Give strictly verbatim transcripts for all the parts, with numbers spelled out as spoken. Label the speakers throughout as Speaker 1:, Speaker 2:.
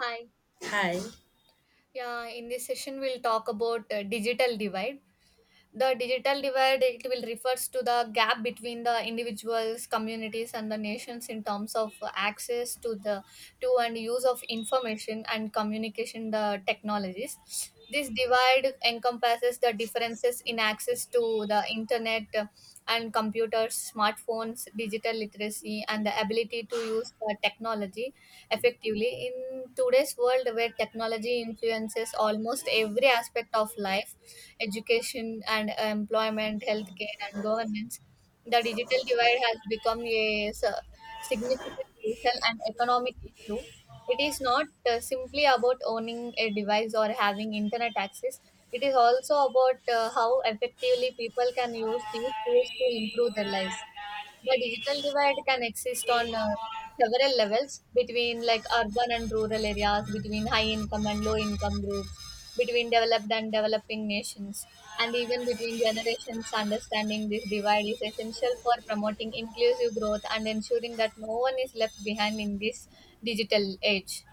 Speaker 1: Hi.
Speaker 2: Hi.
Speaker 1: Yeah, in this session, we'll talk about uh, digital divide. The digital divide it will refers to the gap between the individuals, communities, and the nations in terms of access to the to and use of information and communication the technologies. This divide encompasses the differences in access to the internet, uh, and computers, smartphones, digital literacy, and the ability to use the technology effectively. In today's world, where technology influences almost every aspect of life, education and employment, healthcare, and governance, the digital divide has become a s- significant social and economic issue. It is not uh, simply about owning a device or having internet access. It is also about uh, how effectively people can use these tools to improve their lives. The digital divide can exist on uh, several levels, between like urban and rural areas, between high income and low income groups, between developed and developing nations, and even between generations. Understanding this divide is essential for promoting inclusive growth and ensuring that no one is left behind in this digital age.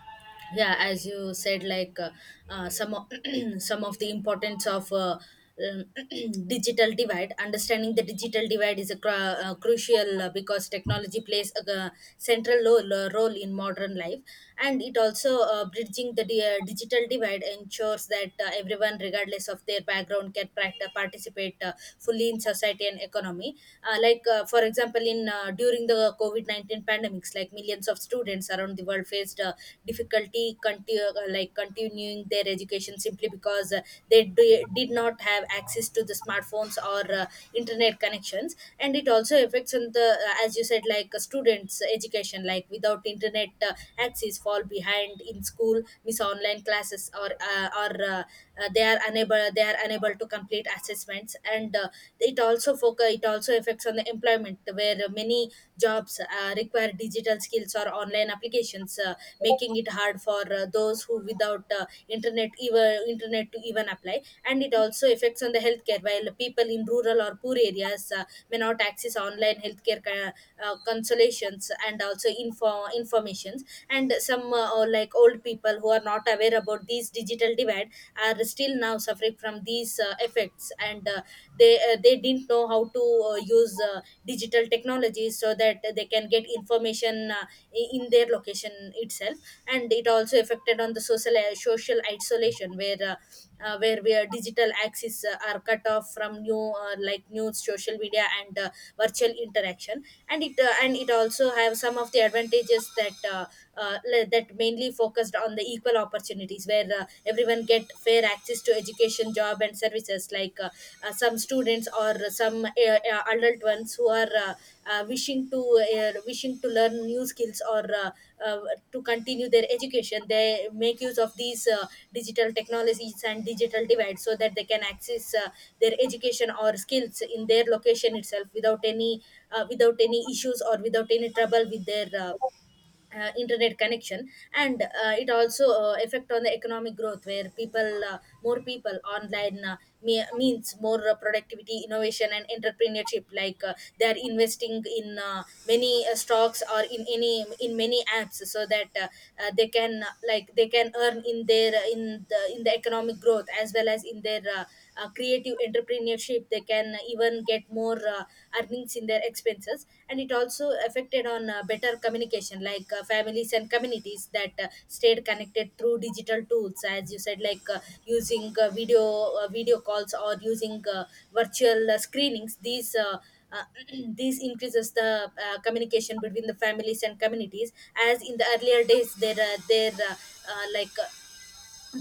Speaker 2: Yeah, as you said, like, uh, uh, some of, some of the importance of uh, um, digital divide. Understanding the digital divide is a cru- uh, crucial, uh, because technology plays a uh, central role, role in modern life, and it also, uh, bridging the di- uh, digital divide ensures that uh, everyone, regardless of their background, can pract- participate uh, fully in society and economy. uh, like uh, for example, in uh, during the covid nineteen pandemics, like millions of students around the world faced uh, difficulty, conti- uh, like continuing their education simply because uh, they d- did not have access to the smartphones or uh, internet connections. And it also affects on the, uh, as you said, like, uh, students education, like without internet uh, access, fall behind in school, miss online classes classes or uh, or uh, uh, they are unable they are unable to complete assessments. And uh, it also focus it also affects on the employment, where many jobs uh, require digital skills or online applications, uh, making it hard for uh, those who without uh, internet, even internet, to even apply. And it also affects on the healthcare, while people in rural or poor areas uh, may not access online healthcare, their uh, uh, consolations and also info informations. And some, uh, or like old people who are not aware about these digital divide are still now suffering from these uh, effects. And uh, they uh, they didn't know how to uh, use uh, digital technology so that they can get information uh, i- in their location itself. And it also affected on the social, uh, social isolation, where uh, uh, where we are digital axis uh, are cut off from new, uh, like news, social media, and uh, virtual interaction. And it uh, and it also have some of the advantages that uh, uh, le- that mainly focused on the equal opportunities, where uh, everyone get fair access to education, job, and services, like, uh, uh, some students or some, uh, uh, adult ones who are, uh, uh, wishing to uh, wishing to learn new skills, or uh, uh, to continue their education. They make use of these uh, digital technologies and digital divides, so that they can access uh, their education or skills in their location itself, without any, uh, without any issues, or without any trouble with their, uh, uh, internet connection. And uh, it also uh, affect on the economic growth, where people, uh, more people online, uh, me- means more uh, productivity, innovation, and entrepreneurship, like uh, they are investing in uh, many uh, stocks, or in any in many apps, so that uh, uh, they can uh, like they can earn in their, uh, in the in the economic growth, as well as in their, uh, uh, creative entrepreneurship. They can even get more uh, earnings in their expenses. And it also affected on uh, better communication, like uh, families and communities that uh, stayed connected through digital tools, as you said, like, uh, using uh, video uh, video calls, or using uh, virtual uh, screenings. These uh, uh, this increases the uh, communication between the families and communities. As in the earlier days, there uh, there uh, uh, like uh,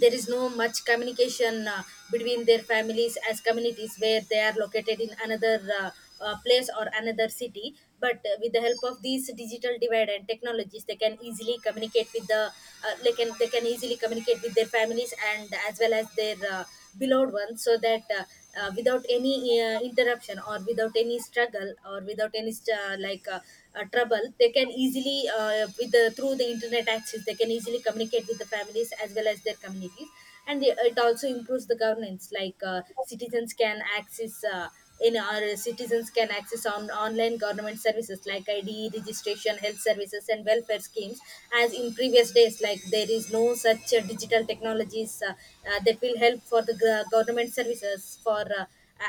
Speaker 2: there is no much communication uh, between their families as communities, where they are located in another, uh, uh, place or another city. But uh, with the help of these digital divide and technologies, they can easily communicate with the uh, they can they can easily communicate with their families and as well as their uh, beloved ones. So that, uh, uh, without any uh, interruption, or without any struggle, or without any st- uh, like uh, uh, trouble, they can easily, uh, with the through the internet access, they can easily communicate with the families as well as their communities. And it it also improves the governance, like uh, citizens can access uh, in our citizens can access on online government services like ID registration, health services, and welfare schemes. As in previous days, like there is no such uh, digital technologies, uh, uh, that will help for the gov- government services for, uh,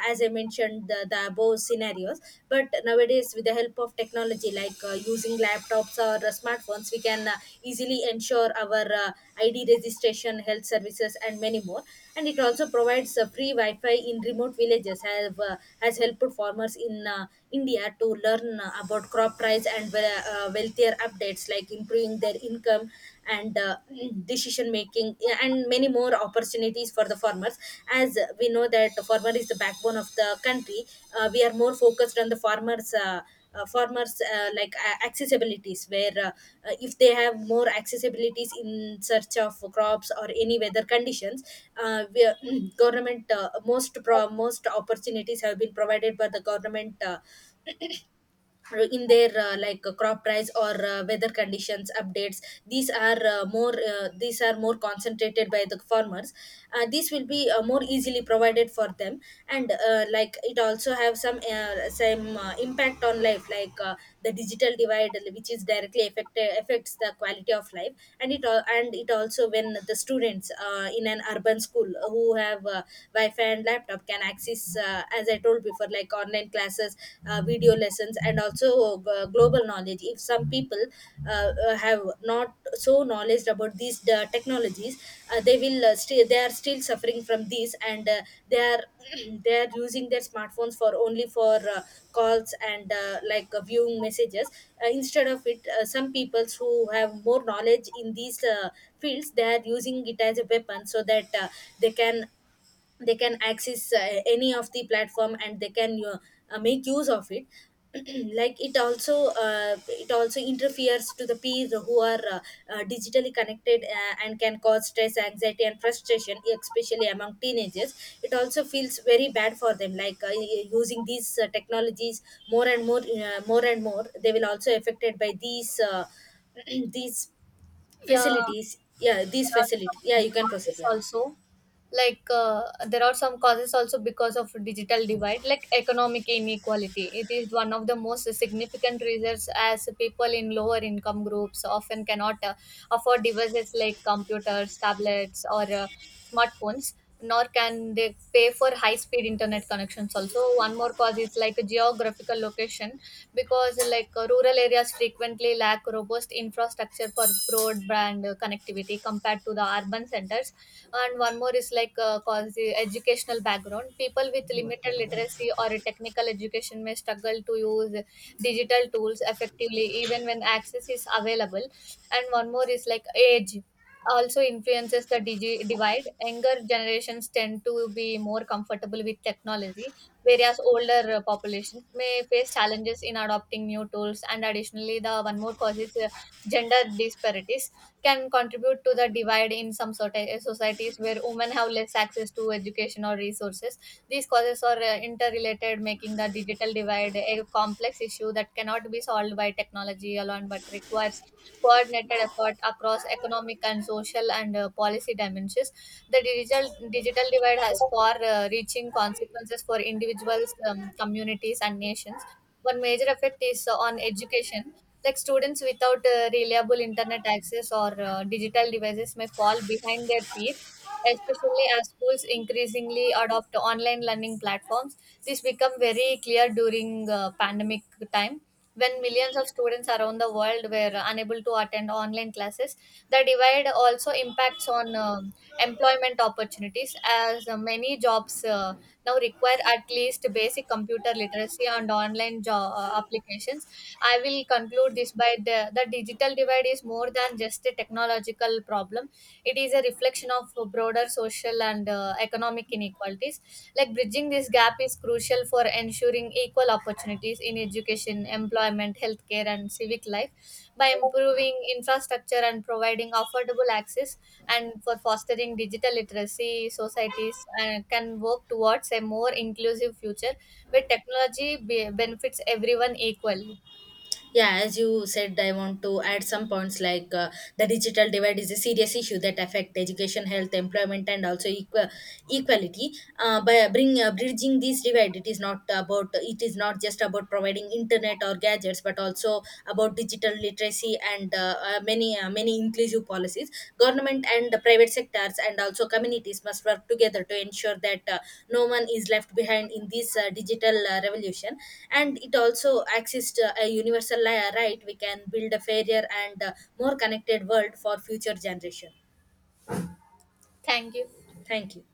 Speaker 2: as I mentioned, the, the above scenarios. But nowadays, with the help of technology, like uh, using laptops or uh, smartphones, we can uh, easily ensure our uh, I D registration, health services, and many more. And it also provides uh, free Wi-Fi in remote villages. Have uh, has helped farmers in uh, India to learn uh, about crop price and wel- uh, wealthier updates, like improving their income, and uh, decision making, yeah, and many more opportunities for the farmers. As we know that the farmer is the backbone of the country, uh, we are more focused on the farmers. Uh, uh, farmers uh, like uh, accessibilities, where uh, uh, if they have more accessibilities in search of crops or any weather conditions, uh, we, government, uh, most pro- most opportunities have been provided by the government uh, uh, in their, uh, like uh, crop price or uh, weather conditions updates. These are uh, more uh, these are more concentrated by the farmers, uh, these will be uh, more easily provided for them. And uh, like it also have some, uh, some, uh, impact on life, like uh, the digital divide which is directly affected affects the quality of life. And it al- and it also, when the students uh, in an urban school who have uh, wi-fi and laptop can access uh, as I told told before, like online classes, uh, video lessons, and also uh, global knowledge. If some people, uh, uh, have not so knowledge about these uh, technologies, uh, they will uh, still they are still suffering from these. And uh, they are, they are using their smartphones for only for uh, calls, and uh, like uh, viewing messages. Uh, instead of it, uh, some peoples who have more knowledge in these uh, fields, they are using it as a weapon, so that uh, they can they can access uh, any of the platform, and they can uh, uh, make use of it. Like it also uh, it also interferes to the peers who are uh, uh, digitally connected, uh, and can cause stress, anxiety, and frustration, especially among teenagers. It also feels very bad for them, like uh, y- using these uh, technologies. More and more uh, more and more they will also affected by these uh, these
Speaker 1: Yeah,
Speaker 2: facilities. Yeah, these
Speaker 1: there
Speaker 2: facilities,
Speaker 1: are
Speaker 2: yeah,
Speaker 1: some
Speaker 2: you can proceed,
Speaker 1: causes
Speaker 2: yeah.
Speaker 1: also, like uh, there are some causes also because of digital divide. Like economic inequality, it is one of the most significant reasons, as people in lower income groups often cannot uh, afford devices like computers, tablets, or uh, smartphones, nor can they pay for high speed internet connections. Also, one more cause is like geographical location, because like uh, rural areas frequently lack robust infrastructure for broadband uh, connectivity compared to the urban centers. And one more is like uh, cause the educational background. People with limited literacy or a technical education may struggle to use digital tools effectively even when access is available. And one more is like age also influences the digi- divide. Younger generations tend to be more comfortable with technology, whereas older uh, populations may face challenges in adopting new tools. And additionally, the one more cause is uh, gender disparities can contribute to the divide in some sort societies where women have less access to education or resources. These causes are uh, interrelated, making the digital divide a complex issue that cannot be solved by technology alone, but requires coordinated effort across economic and social and uh, policy dimensions. The digital digital divide has far-reaching consequences for individuals, um, communities, and nations. One major effect is uh, on education. Like students without uh, reliable internet access or uh, digital devices may fall behind their peers, especially as schools increasingly adopt online learning platforms. This became very clear during uh, pandemic time, when millions of students around the world were unable to attend online classes. The divide also impacts on um, employment opportunities, as uh, many jobs uh, now require at least basic computer literacy and online job uh, applications. I will conclude this by the, the digital divide is more than just a technological problem. It is a reflection of broader social and uh, economic inequalities. Like bridging this gap is crucial for ensuring equal opportunities in education, employment, healthcare, and civic life, by improving infrastructure and providing affordable access and for fostering digital literacy. Societies uh, can work towards a more inclusive future where technology be- benefits everyone equally.
Speaker 2: Yeah, as you said, I want to add some points, like uh, the digital divide is a serious issue that affect education, health, employment, and also equal equality. Uh, by bring uh, bridging this divide, it is not about it is not just about providing internet or gadgets, but also about digital literacy and uh, uh, many uh, many inclusive policies, government and the private sectors and also communities must work together to ensure that uh, no one is left behind in this uh, digital uh, revolution. And it also access to a universal li- right, we can build a fairer and uh, more connected world for future generation.
Speaker 1: Thank you.
Speaker 2: Thank you.